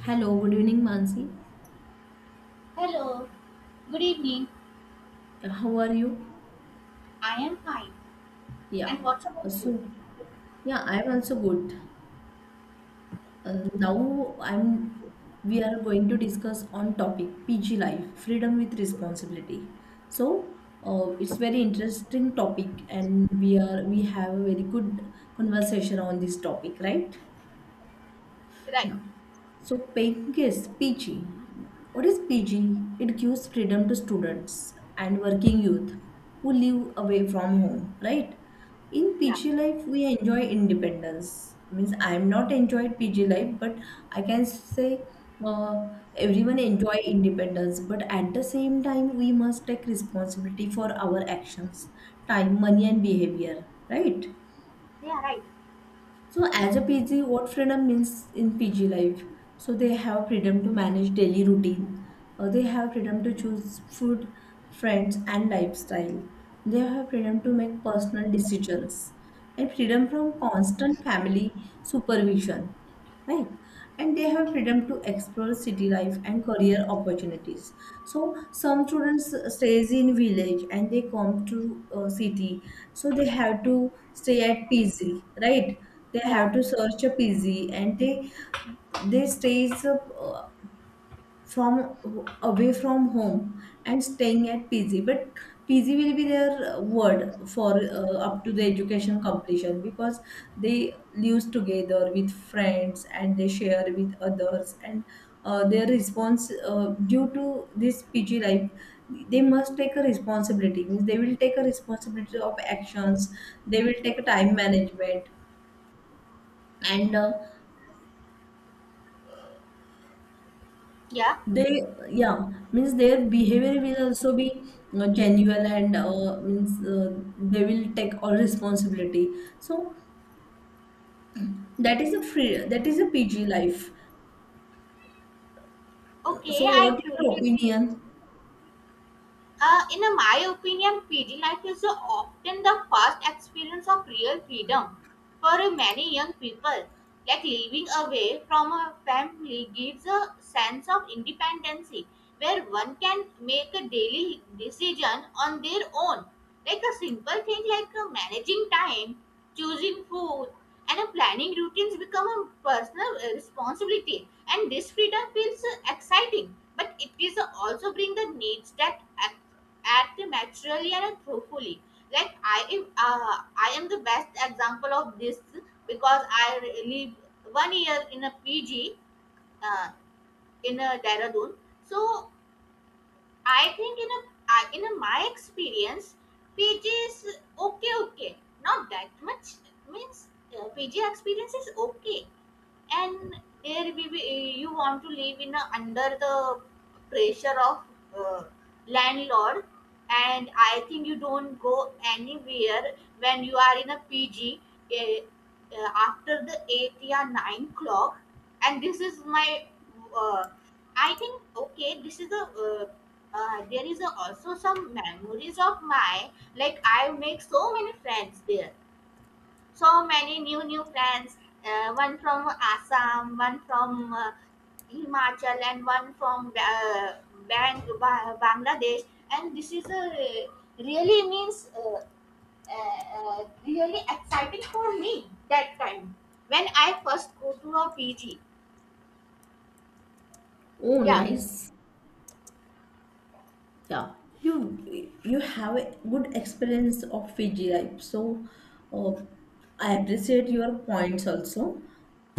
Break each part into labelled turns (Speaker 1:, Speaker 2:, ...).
Speaker 1: Hello, good evening, Mansi.
Speaker 2: Hello, good evening.
Speaker 1: How are you?
Speaker 2: I am fine.
Speaker 1: Yeah.
Speaker 2: And what about you?
Speaker 1: So, yeah, I'm also good. Now I'm. We are going to discuss on topic PG life, freedom with responsibility. So it's very interesting topic, and we have a very good conversation on this topic, right?
Speaker 2: Right.
Speaker 1: Yeah. So pink is PG. What is PG? It gives freedom to students and working youth who live away from home, right? In
Speaker 2: Yeah.
Speaker 1: PG life, we enjoy independence. Means I'm not enjoyed PG life, but I can say uh, everyone enjoy independence. But at the same time, we must take responsibility for our actions, time, money, and behavior, right?
Speaker 2: Yeah, right.
Speaker 1: So as a PG, what freedom means in PG life? So they have freedom to manage daily routine. They have freedom to choose food, friends, and lifestyle. They have freedom to make personal decisions and freedom from constant family supervision, right? And they have freedom to explore city life and career opportunities. So some students stays in village and they come to city, so they have to stay at pz, right? They
Speaker 2: Yeah.
Speaker 1: have to search a pz and they stays, from away from home and staying at PG. But PG will be their word for up to the education completion because they live together with friends and they share with others, and their response due to this PG life, they must take a responsibility. Means they will take a responsibility of actions, they will take a time management, and
Speaker 2: Yeah.
Speaker 1: They, yeah, means their behavior will also be genuine, and means they will take all responsibility. So that is a that is a PG life. So
Speaker 2: Okay,
Speaker 1: what
Speaker 2: I
Speaker 1: is your
Speaker 2: truly agree.
Speaker 1: opinion?
Speaker 2: In my opinion, PG life is often the first experience of real freedom for many young people. Like living away from a family gives a sense of independence where one can make a daily decision on their own. Like a simple thing like managing time, choosing food, and planning routines become a personal responsibility. And this freedom feels exciting, but it is also bring the needs that add the material and truthfully. Like I am the best example of this because I live one year in a PG uh, in a Dehradun. So I think in a I in a, my experience, PG is okay, okay, not that much means PG experience is okay. And there we you want to live in under the pressure of uh, landlord, and I think you don't go anywhere when you are in a pg eh, after the 8 or 9 clock. And this is my uh, I think okay this is a there is also some memories of my, like I make so many friends there, so many new plans. One from Assam, one from Himachal, and one from bangladesh. And this is a really means really exciting for me that time when I first go to a pg.
Speaker 1: Oh,
Speaker 2: Yeah.
Speaker 1: nice. Yeah, you you have a good experience of Fiji life. So uh, I appreciate your points also.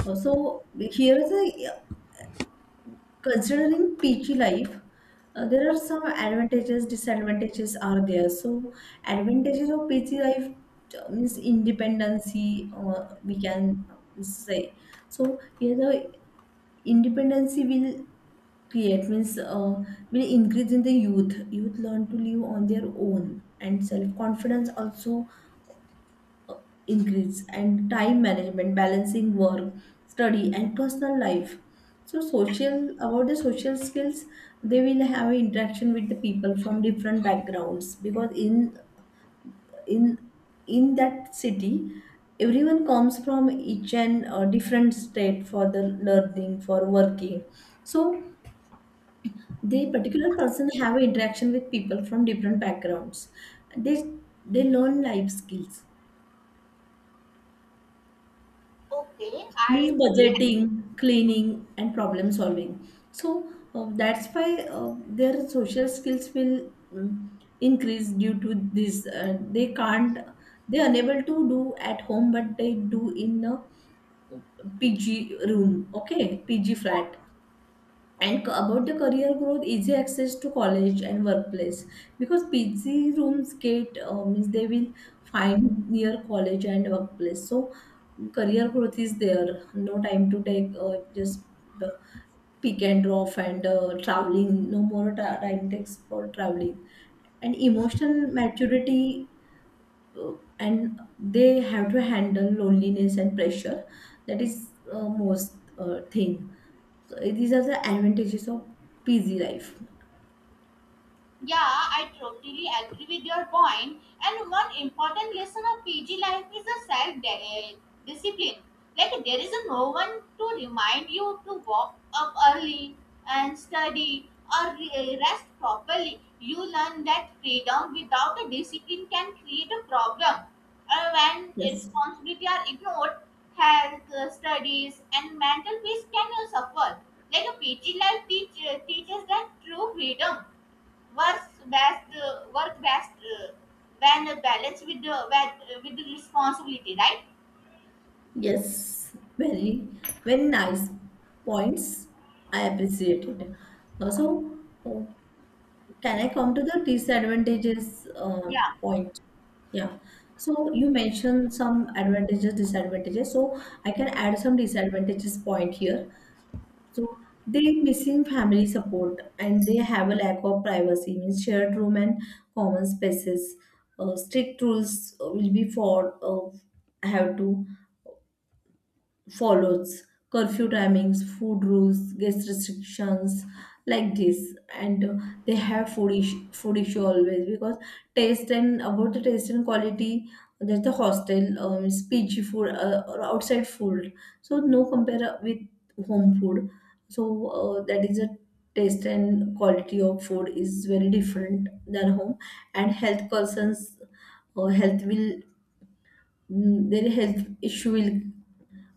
Speaker 1: So here is a considering peachy life, there are some advantages, disadvantages are there. So, advantages of peachy life, means independency, we can say. So, here the independency will create, means will increase in the youth. Youth learn to live on their own, and self confidence also increase, and time management balancing work, study, and personal life. So social, about the social skills, they will have interaction with the people from different backgrounds because in in that city, everyone comes from each and different state for the learning, for working. So the particular person have interaction with people from different backgrounds. They they learn life skills,
Speaker 2: Okay,
Speaker 1: means
Speaker 2: I fully.
Speaker 1: budgeting, cleaning, and problem solving. So that's why their social skills will increase due to this. They can't, they're unable to do at home, but they do in a PG room, okay, PG
Speaker 2: Yeah.
Speaker 1: flat. About the career growth, easy access to college and workplace, because pg rooms get means they will find near college and workplace. So career growth is there, no time to take, just the pick and drop, and traveling, no more time takes for traveling. And emotional maturity, uh, and they have to handle loneliness and pressure. That is most thing. So these are the advantages of busy life.
Speaker 2: Yeah, I totally agree with your point. And one important lesson of PG life is the self discipline. Like there is no one to remind you to walk up early and study or rest properly. You learn that freedom without a discipline can create a problem. When
Speaker 1: yes
Speaker 2: responsibility are ignored, health, studies, and mental peace can suffer. Like a PG life teaches that true freedom work best when balanced with with, the responsibility, right?
Speaker 1: yes Very very nice points, I appreciate it. Uh, so uh, can I come to the disadvantages uh,
Speaker 2: Yeah.
Speaker 1: point? Yeah. So you mentioned some advantages, disadvantages, so I can add some disadvantages point here. So they missing family support and they have a lack of privacy, means shared room and common spaces. Strict rules will be for, have to follows, curfew timings, food rules, guest restrictions, like this. And they have food issue always because taste, and about the taste and quality, there's the hostel PG food or outside food. So no compare with home food. So that is a taste and quality of food is very different than home. And health concerns, or health will, their health issue will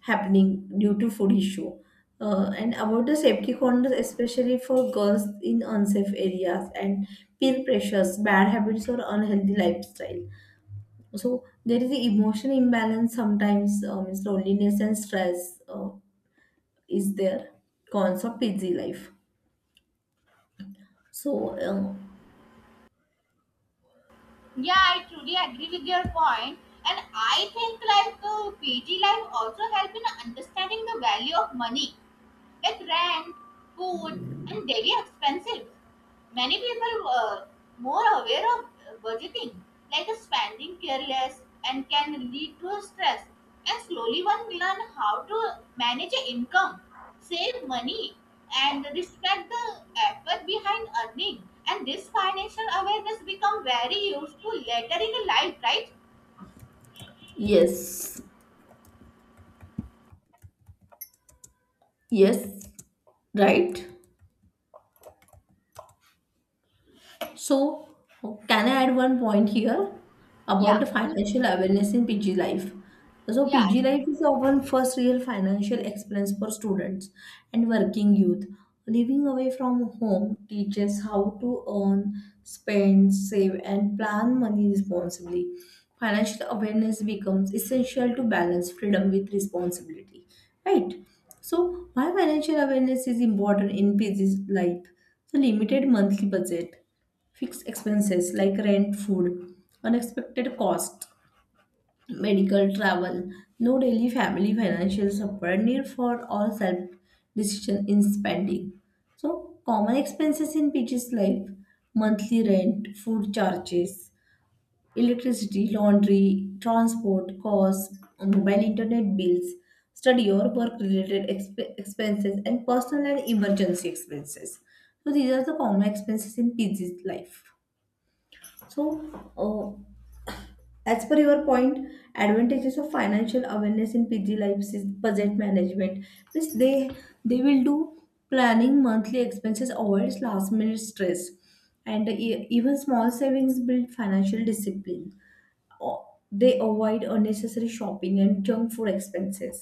Speaker 1: happening due to food issue. And about the safety corners, especially for girls in unsafe areas, and peer pressures, bad habits, or unhealthy lifestyle. So there is the emotion imbalance sometimes, means loneliness and stress is there. Cons of busy life. So uh,
Speaker 2: Yeah, I truly agree with your point. And I think like pg life also help in understanding the value of money. It rent, food, and daily expenses. Many people are more aware of budgeting, like spending careless, and can lead to stress. And slowly, one learn how to manage income, save money, and respect the effort behind earning. And this financial awareness become very useful later in life, right?
Speaker 1: yes, yes, right. So, can I add one point here about
Speaker 2: Yeah.
Speaker 1: the financial awareness in PG life? So,
Speaker 2: Yeah.
Speaker 1: PG life is often first real financial experience for students and working youth. Living away from home teaches how to earn, spend, save, and plan money responsibly. Financial awareness becomes essential to balance freedom with responsibility. Right? So, why financial awareness is important in PG life? So, limited monthly budget. Fixed expenses like rent, food, unexpected cost, medical, travel, no daily family financial support, need for all self decision in spending. So, common expenses in PG's life: monthly rent, food charges, electricity, laundry, transport costs, mobile internet bills, study or work related expenses, and personal and emergency expenses. So, these are the common expenses in PG's life. So, uh, as per your point, advantages of financial awareness in PG lives is budget management. Means they will do planning monthly expenses, avoids last minute stress, and even small savings build financial discipline. O- They avoid unnecessary shopping and junk food expenses,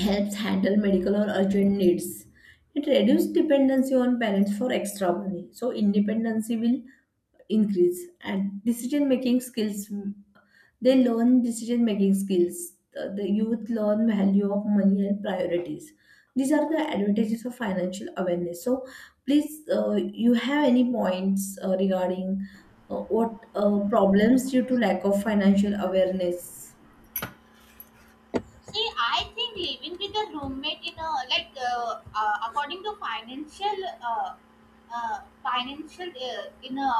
Speaker 1: helps handle medical or urgent needs. It reduces dependency on parents for extra money. So independency will increase, and decision making skills, they learn decision making skills. The youth learn value of money and priorities. These are the advantages of financial awareness. So please, you have any points regarding what problems due to lack of financial awareness?
Speaker 2: See, I think living with a roommate in a like according to financial financial in a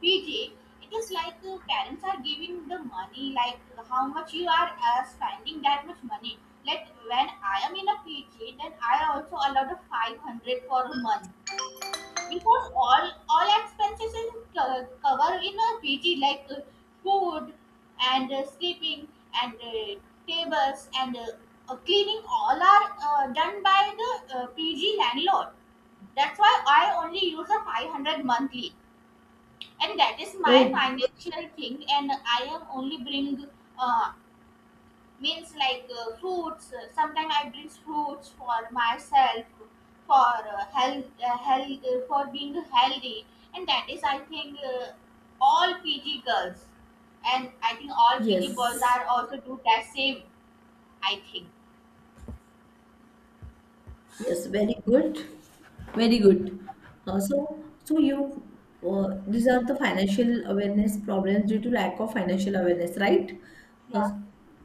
Speaker 2: PG, it is like parents are giving the money like how much you are spending that much money. Like when I am in a PG, then I also allowed a 500 for a month because all expenses is covered in a PG like food and sleeping and tables and cleaning all are done by the PG landlord. That's why I only use a 500 monthly, and that is my
Speaker 1: Oh
Speaker 2: financial thing. And I am only bring uh, means like fruits, sometimes I bring fruits for myself for health for being healthy. And that is, I think all pg girls, and I think all pg boys
Speaker 1: yes.
Speaker 2: are also do that same, I think.
Speaker 1: Yes, very good. Very good. Uh, so, so you, these are the financial awareness problems due to lack of financial awareness, right? Uh,
Speaker 2: Yeah.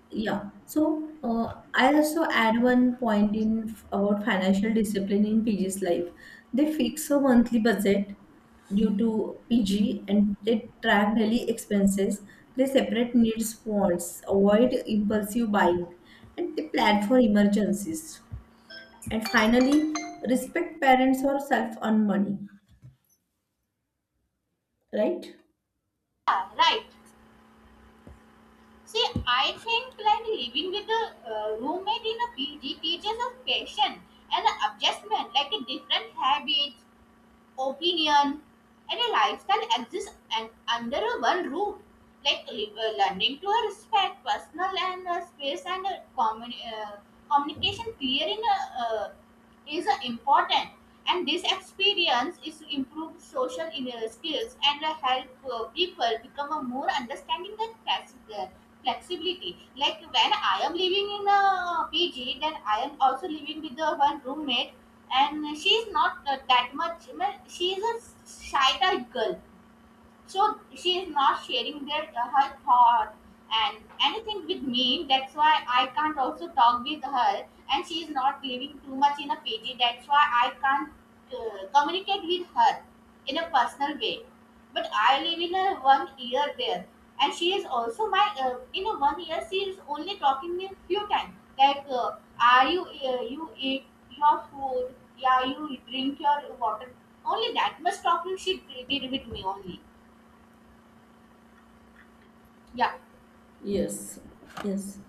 Speaker 1: yeah. So, I also add one point in about financial discipline in PG's life. They fix a monthly budget due to PG, and they track daily expenses. They separate needs, wants, avoid impulsive buying, and they plan for emergencies. And finally, respect parents or self on money, right?
Speaker 2: Yeah, right. See, I think like living with a roommate in a PG teaches us patience and adjustment, like a different habits, opinion, and a lifestyle exist and under a one roof. Like learning to respect personal and space and communication clear in a is important. And this experience is to improve social skills and help people become a more understanding and flexibility. Like when I am living in a pg, then I am also living with the one roommate, and she is not that much well, she is a shy type girl. So she is not sharing their her thought and anything with me. That's why I can't also talk with her, and she is not living too much in a pg. That's why I can't communicate with her in a personal way, but I live in a one year there. And she is also my in a one year she is only talking me few times, like are you you eat your food, yeah you drink your water. Only that much talking she did with me only. Yeah,
Speaker 1: Yes. Yes,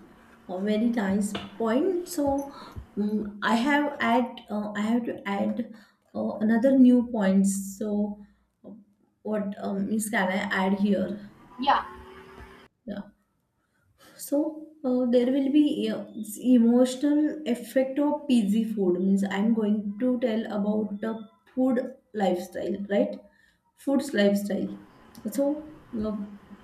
Speaker 1: a very nice point. So, I have to add another new points. So, uh, what means can I add here?
Speaker 2: yeah,
Speaker 1: Yeah. So there will be emotional effect of PG food. Means I'm going to tell about the food lifestyle, right? Food's lifestyle. So uh,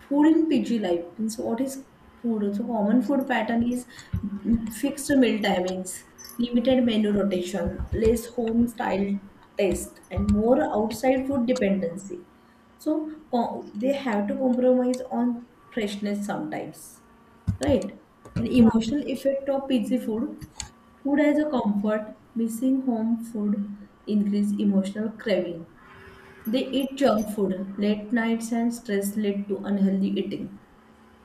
Speaker 1: food in PG life means what is food? So common food pattern is, fixed meal timings, limited menu rotation, less home style taste, and more outside food dependency. So they have to compromise on freshness sometimes, right? An
Speaker 2: yeah.
Speaker 1: emotional effect of pizza food. Food as a comfort, missing home food increase emotional craving. They eat junk food, late nights and stress lead to unhealthy eating.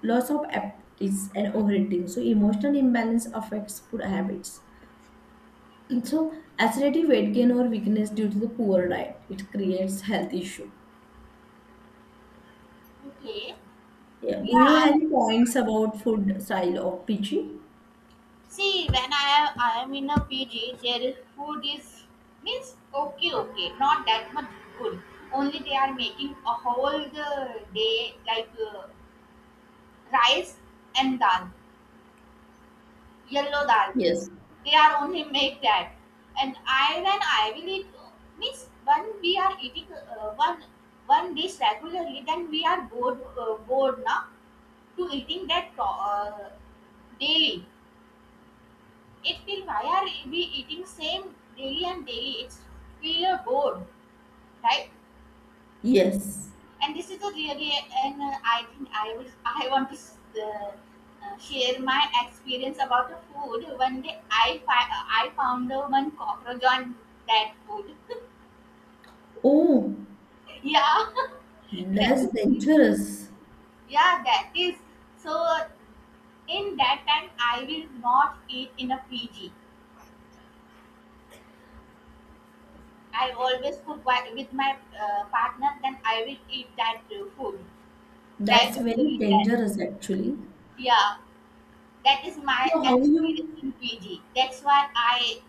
Speaker 1: Loss of appetite and overeating. So emotional imbalance affects food habits. And so acidity, weight gain or weakness due to the poor diet. It creates health issue.
Speaker 2: Okay.
Speaker 1: Yeah.
Speaker 2: Yeah,
Speaker 1: Do you have
Speaker 2: I
Speaker 1: any points about food style of Pichi?
Speaker 2: see when I am in a PG, there is food is means okay, okay, not that much good. Only they are making a whole the day like rice and dal, yellow dal.
Speaker 1: Yes.
Speaker 2: They are only make that, and I when I will eat means when we are eating one dish regularly, then we are bored now to eating that daily. It feel why are we eating same daily and daily, it's feel a bored, right?
Speaker 1: Yes.
Speaker 2: And this is a really, and I think I want to uh, share my experience about the food. One day I I found one cockroach on that food.
Speaker 1: Oh,
Speaker 2: Yeah. That
Speaker 1: that's
Speaker 2: is,
Speaker 1: dangerous.
Speaker 2: yeah that is, so in that time I will not eat in a pg. I always cook with my partner, then I will eat that food
Speaker 1: That's very
Speaker 2: regularly. That,
Speaker 1: dangerous, actually.
Speaker 2: yeah, that is my
Speaker 1: So how
Speaker 2: experience
Speaker 1: you?
Speaker 2: in PG. That's why I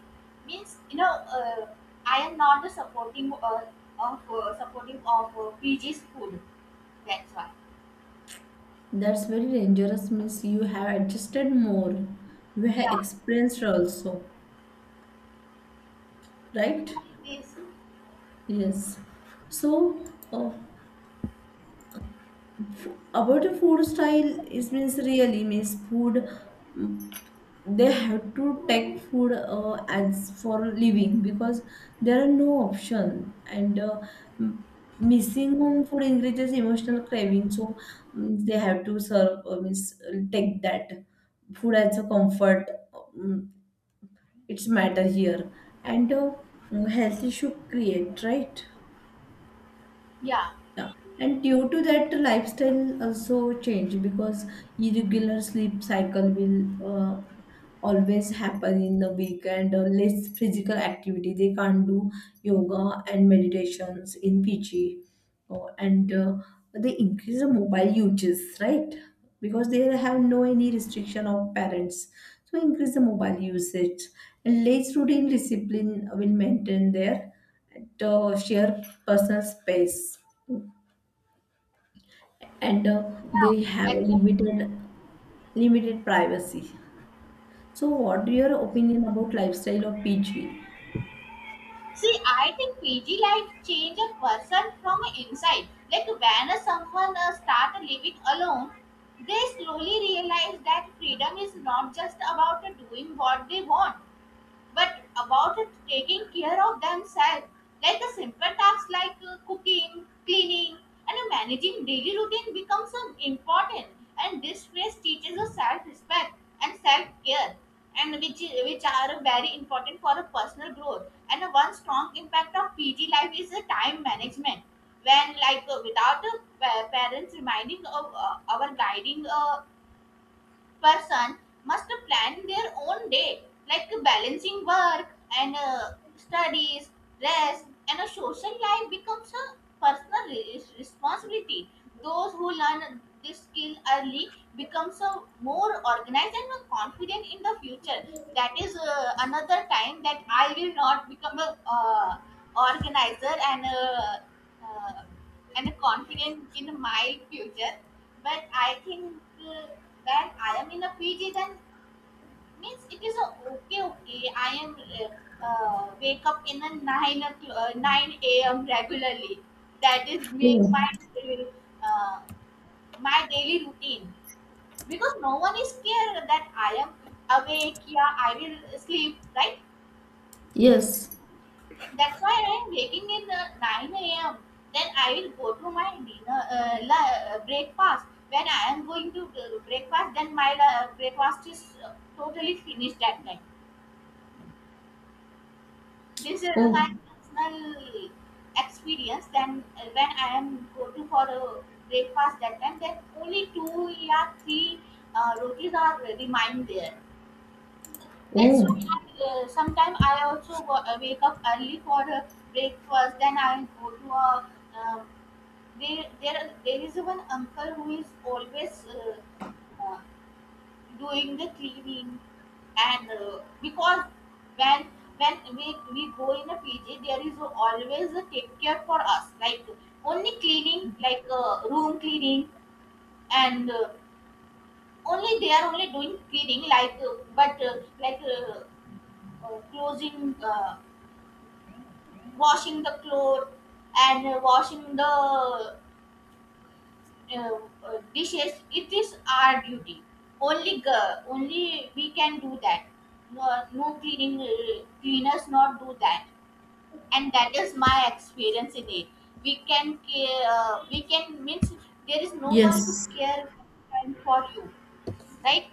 Speaker 2: means I am not the supporting of supporting of PG's food. That's why
Speaker 1: That's very dangerous means you have adjusted more. You have
Speaker 2: yeah,
Speaker 1: experienced also,
Speaker 2: yeah
Speaker 1: right?
Speaker 2: it is.
Speaker 1: Yes. So uh, about the food style, it means really means food. They have to take food as for living because there are no option, and m- missing home food increases emotional craving. So, they have to serve means take that food as a comfort, mm, it's matter here. And health issue create, right?
Speaker 2: Yeah.
Speaker 1: Yeah. And due to that, the lifestyle also change because irregular sleep cycle will always happen in the week, and less physical activity. They can't do yoga and meditations in PG. Oh, and they increase the mobile uses, right? Because they have no any restriction of parents. So increase the mobile usage. And less routine discipline will maintain their share personal space, and they have
Speaker 2: Yeah.
Speaker 1: a
Speaker 2: Exactly.
Speaker 1: limited privacy. So, what your opinion about lifestyle of PG?
Speaker 2: See, I think PG life change a person from inside. Like when a someone start living alone, they slowly realize that freedom is not just about doing what they want, but about it taking care of themselves, like the simple tasks like cooking, cleaning, and managing daily routine becomes important. And this phase teaches us self-respect and self-care, and which are very important for a personal growth. And one strong impact of PG life is the time management. When like without parents reminding of our guiding person must plan their own day, like balancing work and studies, rest, and a social life becomes a personal responsibility. Those who learn this skill early becomes a more organized and more confident in the future. That is another time that I will not become a organizer and a, uh, and confident in my future. But I think uh, that I am in a PG, then means it is a okay, okay. I am uh, wake up in a 9 o'clock, nine a.m. regularly. That is make
Speaker 1: Oh,
Speaker 2: my uh, my daily routine because no one is scared that I am awake. Yeah, I will sleep. Right.
Speaker 1: yes.
Speaker 2: That's why I am waking in nine a.m. Then I will go to my dinner breakfast. When I am going to breakfast, then my breakfast is totally finished at time. This is my
Speaker 1: Oh,
Speaker 2: personal experience. Then when I am go to for a breakfast that time, then only two or three rotis are remain there. That's why
Speaker 1: oh,
Speaker 2: I, sometimes I also go, wake up early for a breakfast. Then I go to a uh, there is one uncle who is always doing the cleaning. And because when we go in a pg, there is always a take care for us, like only cleaning, like room cleaning. And only they are only doing cleaning, like but like closing washing the clothes and washing the uh, dishes, it is our duty. Only girl, only we can do that. No, no cleaning cleaners not do that. And that is my experience in it. We can care, we can means there is no one to
Speaker 1: yes.
Speaker 2: care, and for you, right?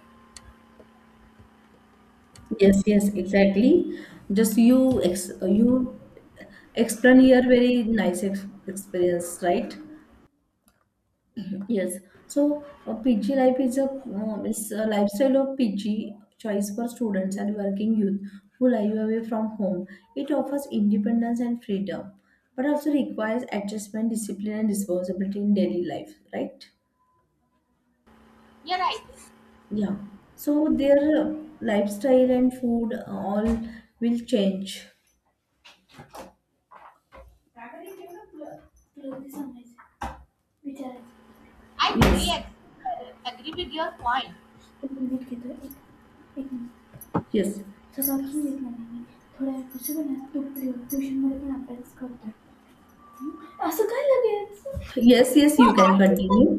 Speaker 1: Yes, yes, exactly. Just you explain your very nice experience, right? Yes, so PG life is a, is a lifestyle of PG choice for students and working youth who live away from home. It offers independence and freedom, but also requires adjustment, discipline, and responsibility in daily life. Right?
Speaker 2: You're right.
Speaker 1: Yeah. So their lifestyle and food all will change.
Speaker 2: I truly
Speaker 1: Yes.
Speaker 2: agree with your point.
Speaker 1: Yes. Yes. Yes.
Speaker 2: So
Speaker 1: You can
Speaker 2: I think that
Speaker 1: continue.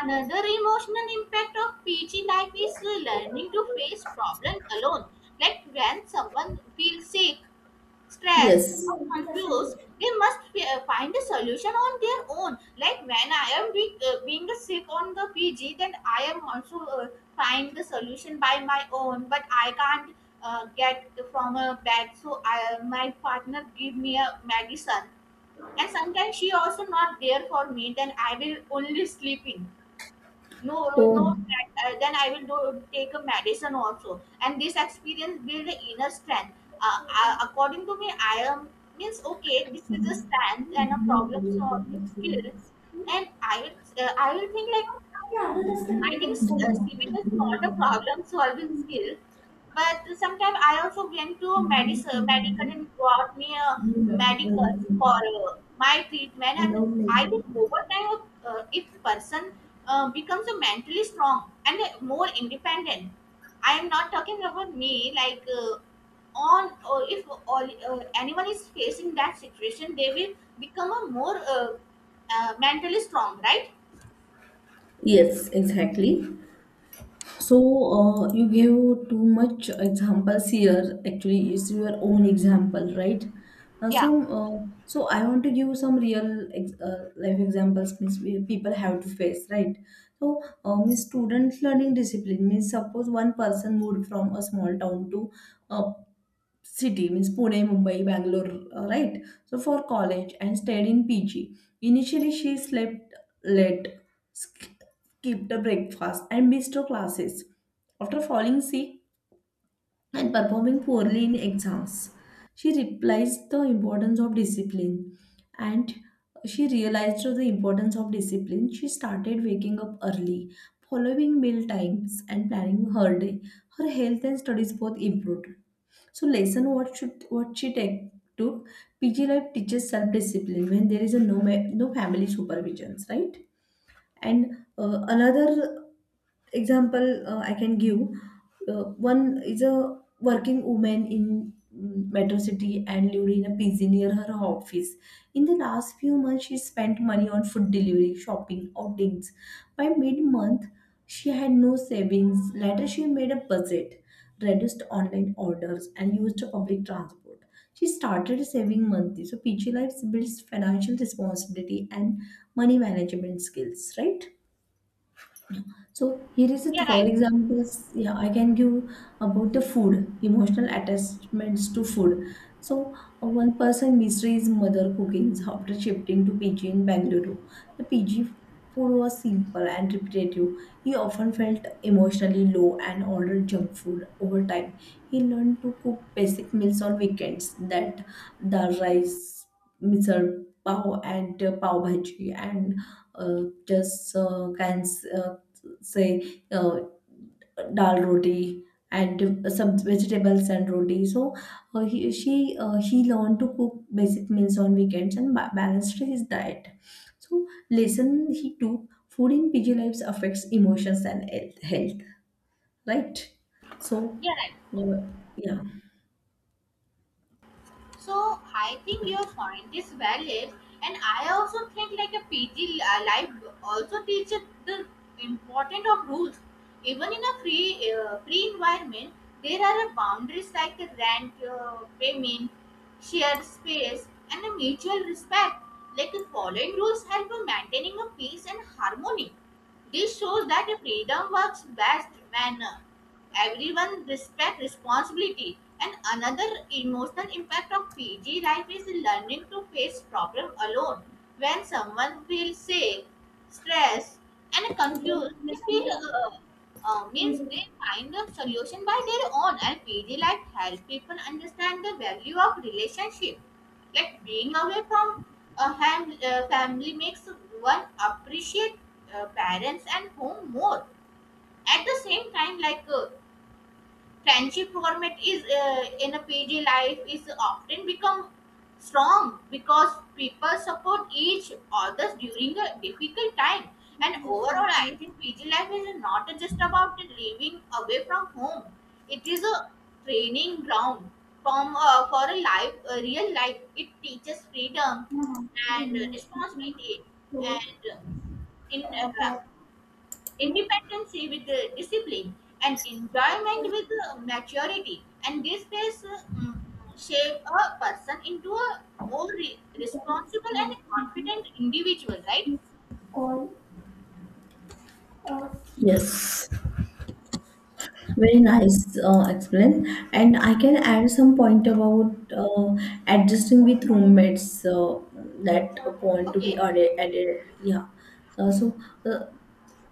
Speaker 2: another emotional impact of PG life is learning to face problems alone. Like when someone feels sick, stressed,
Speaker 1: Yes.
Speaker 2: or confused, they must find a solution on their own. Like when I am being sick on the PG, then I am also find the solution by my own. But I can't get from a bag, so I, my partner give me a medicine. And sometimes she also not there for me. Then I will only sleeping no no
Speaker 1: Oh.
Speaker 2: uh, Then I will do take a medicine also, and this experience build the inner strength. According to me, I am means okay, this is a
Speaker 1: Some
Speaker 2: strength and a
Speaker 1: people
Speaker 2: problem
Speaker 1: believe that
Speaker 2: solving skill.
Speaker 1: experience
Speaker 2: And I will think like, I think sleeping is not a
Speaker 1: many
Speaker 2: problem solving skill, but sometimes I also went to a medical, medical and brought me a medical for my treatment. And
Speaker 1: without
Speaker 2: I
Speaker 1: making.
Speaker 2: think over time, if person becomes a mentally strong and more independent, I am not talking about me like. On If anyone is facing that situation, they will become a more mentally strong, right?
Speaker 1: Yes, exactly. So, you gave too much examples here. Actually, it's your own example, right? Uh,
Speaker 2: Yeah.
Speaker 1: some, uh, so I want to give some real ex life examples, means we, people have to face, right? So, means student learning discipline, means suppose one person moved from a small town to a city, means Pune, Mumbai, Bangalore, right? So for college and stayed in PG. Initially, she slept late, sk- skipped the breakfast, and missed her classes. After falling sick, and performing poorly in exams. She realized the importance of discipline and she realized the importance of discipline. She started waking up early, following meal times, and planning her day. Her health and studies both improved. So lesson what should what she take took PG life teaches self discipline when there is a no family supervisions, right? And another example I can give, uh, one is a working woman in Metro City and Lurina PG near her office. In the last few months, she spent money on food delivery, shopping, outings. By mid month, she had no savings. Later, she made a budget, reduced online orders, and used public transport. She started saving monthly. So, PG Life builds financial responsibility and money management skills, right? So here is a
Speaker 2: Yeah,
Speaker 1: third
Speaker 2: right.
Speaker 1: examples. Yeah, I can give about the food, emotional attachments to food. So one person misses mother cooking after shifting to PG in Bangalore. The PG food was simple and repetitive. He often felt emotionally low and ordered junk food over time. He learned to cook basic meals on weekends that dal rice, misal pav and pav bhaji and just cans, say, dal roti and some vegetables and roti. So he learned to cook basic meals on weekends and balanced his diet. So lesson he took, food in PG lives affects emotions and health health, right? So
Speaker 2: Yeah, right.
Speaker 1: uh, yeah.
Speaker 2: So I think your point is valid, and I also think like a life also teaches the importance of rules. Even in a free environment, there are a boundaries like the rent, payment, shared space, and a mutual respect. Like the following rules help in maintaining a peace and harmony. This shows that a freedom works best when everyone respects responsibility. And another emotional impact of PG life is learning to face problem alone. When someone feels sick, stressed, and confused, they feel means they find a solution by their own. And PG life helps people understand the value of relationship, like being away from a family makes one appreciate parents and home more. At the same time, friendship format is in a PG life is often become strong because people support each other during a difficult time. And overall, I think PG life is not just about living away from home; it is a training ground from for a life, a real life. It teaches freedom and responsibility, and in independency with discipline and enjoyment with maturity, and these traits shape a person into a more responsible and confident individual, right?
Speaker 1: Yes. Very nice explain. And I can add some point about adjusting with roommates. So that point to be
Speaker 2: Okay.
Speaker 1: added. Added. Yeah. Uh, so uh,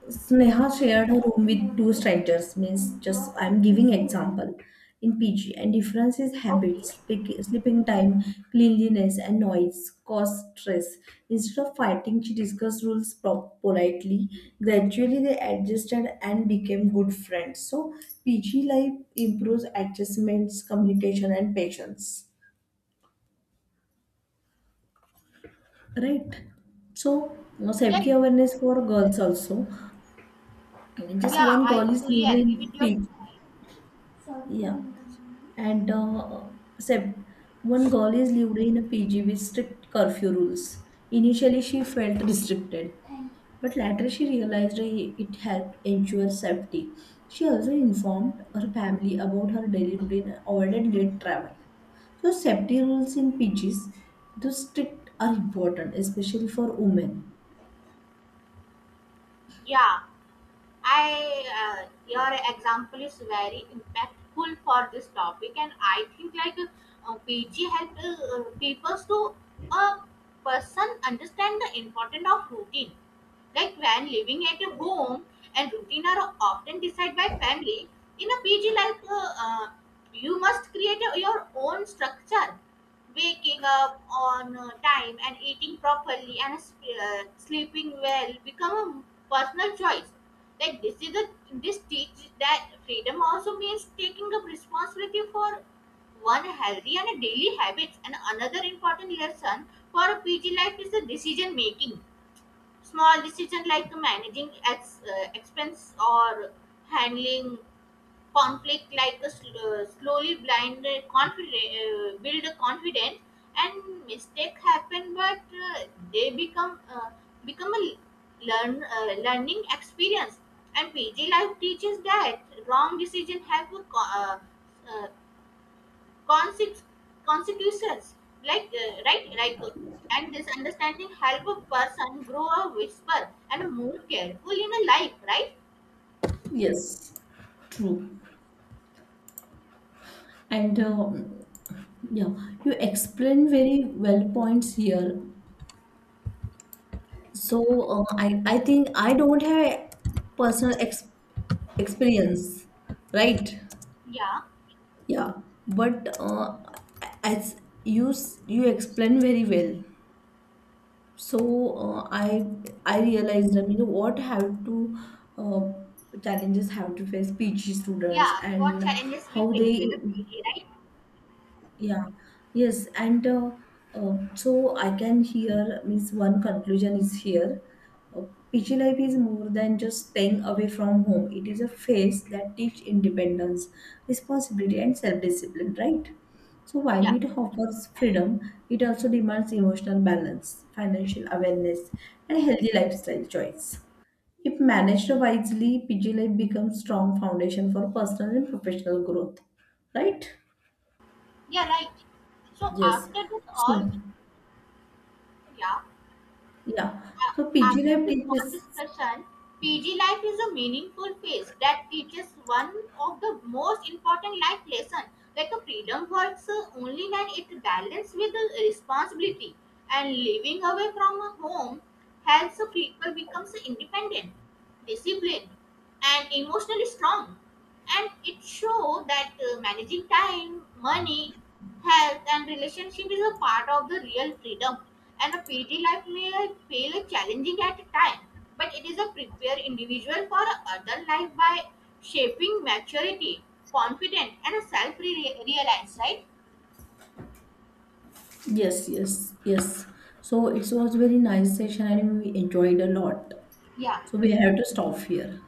Speaker 1: Sneha shared her room with two strangers, means just I'm giving example in PG, and difference is
Speaker 2: Okay.
Speaker 1: habits, sleeping time, cleanliness and noise, cause stress. Instead of fighting, she discussed rules politely. Gradually they adjusted and became good friends. So PG life improves adjustments, communication and patience. Right. So no
Speaker 2: Yeah.
Speaker 1: safety awareness for girls also. I mean just
Speaker 2: Yeah,
Speaker 1: one
Speaker 2: I
Speaker 1: girl is
Speaker 2: truly agree with your
Speaker 1: living.
Speaker 2: point.
Speaker 1: Yeah. And Sep- one girl is lived in a PG with strict curfew rules. Initially, she felt restricted, but later she realized it helped ensure safety. She also informed her family about her daily routine and avoided late travel. So, safety rules in PGs, those strict are important, especially for women.
Speaker 2: Yeah. I Your example is very impactful for this topic, and I think like PG helped people to a person understand the importance of routine. Like when living at a home and routine are often decided by family, in a PG life, you must create your own structure. Waking up on time and eating properly and sleeping well become a personal choice. Like this is a this teaches that freedom also means taking up responsibility for one healthy and daily habits. And another important lesson for a PG life is the decision making. Small decisions like managing expense or handling conflict, like a slowly blind confident, build a confidence. And mistake happen, but they become a learning experience. And PG life teaches that wrong decision have a uh, Conse- consequences, right, and this understanding help a person grow a whisper and more careful in a life, right?
Speaker 1: Yes. True. And yeah, you explain very well points here. So I think I don't have personal ex experience, right?
Speaker 2: Yeah.
Speaker 1: Yeah, but as you explained very well. So uh, I I realized, I mean what have to uh, challenges have to face PG students
Speaker 2: Yeah, what
Speaker 1: and
Speaker 2: challenges we
Speaker 1: how
Speaker 2: face in
Speaker 1: they.
Speaker 2: a city, right?
Speaker 1: Yeah, yes, and so I can hear means one conclusion is here. Uh, PG life is more than just staying away from home. It is a phase that teach independence, responsibility, and self-discipline, right? So while
Speaker 2: Yeah.
Speaker 1: it offers freedom, it also demands emotional balance, financial awareness, and healthy lifestyle choice. If managed wisely, PG life becomes strong foundation for personal and professional growth, right?
Speaker 2: Yeah, right. So
Speaker 1: Yes.
Speaker 2: after this all,
Speaker 1: So,
Speaker 2: yeah.
Speaker 1: yeah.
Speaker 2: A-
Speaker 1: So PG
Speaker 2: After
Speaker 1: Lab
Speaker 2: this short
Speaker 1: teaches.
Speaker 2: discussion, PG life is a meaningful phase that teaches one of the most important life lessons. Like a freedom works only when it balances with the responsibility, and living away from a home helps people become independent, disciplined, and emotionally strong. And it shows that managing time, money, health and relationship is a part of the real freedom. And a PG life may feel challenging at times, but it is a prepare individual for other life by shaping maturity, confident and self-reliance, right?
Speaker 1: Yes, yes, yes. So it was very nice session and we enjoyed a lot.
Speaker 2: Yeah.
Speaker 1: So we have to stop here.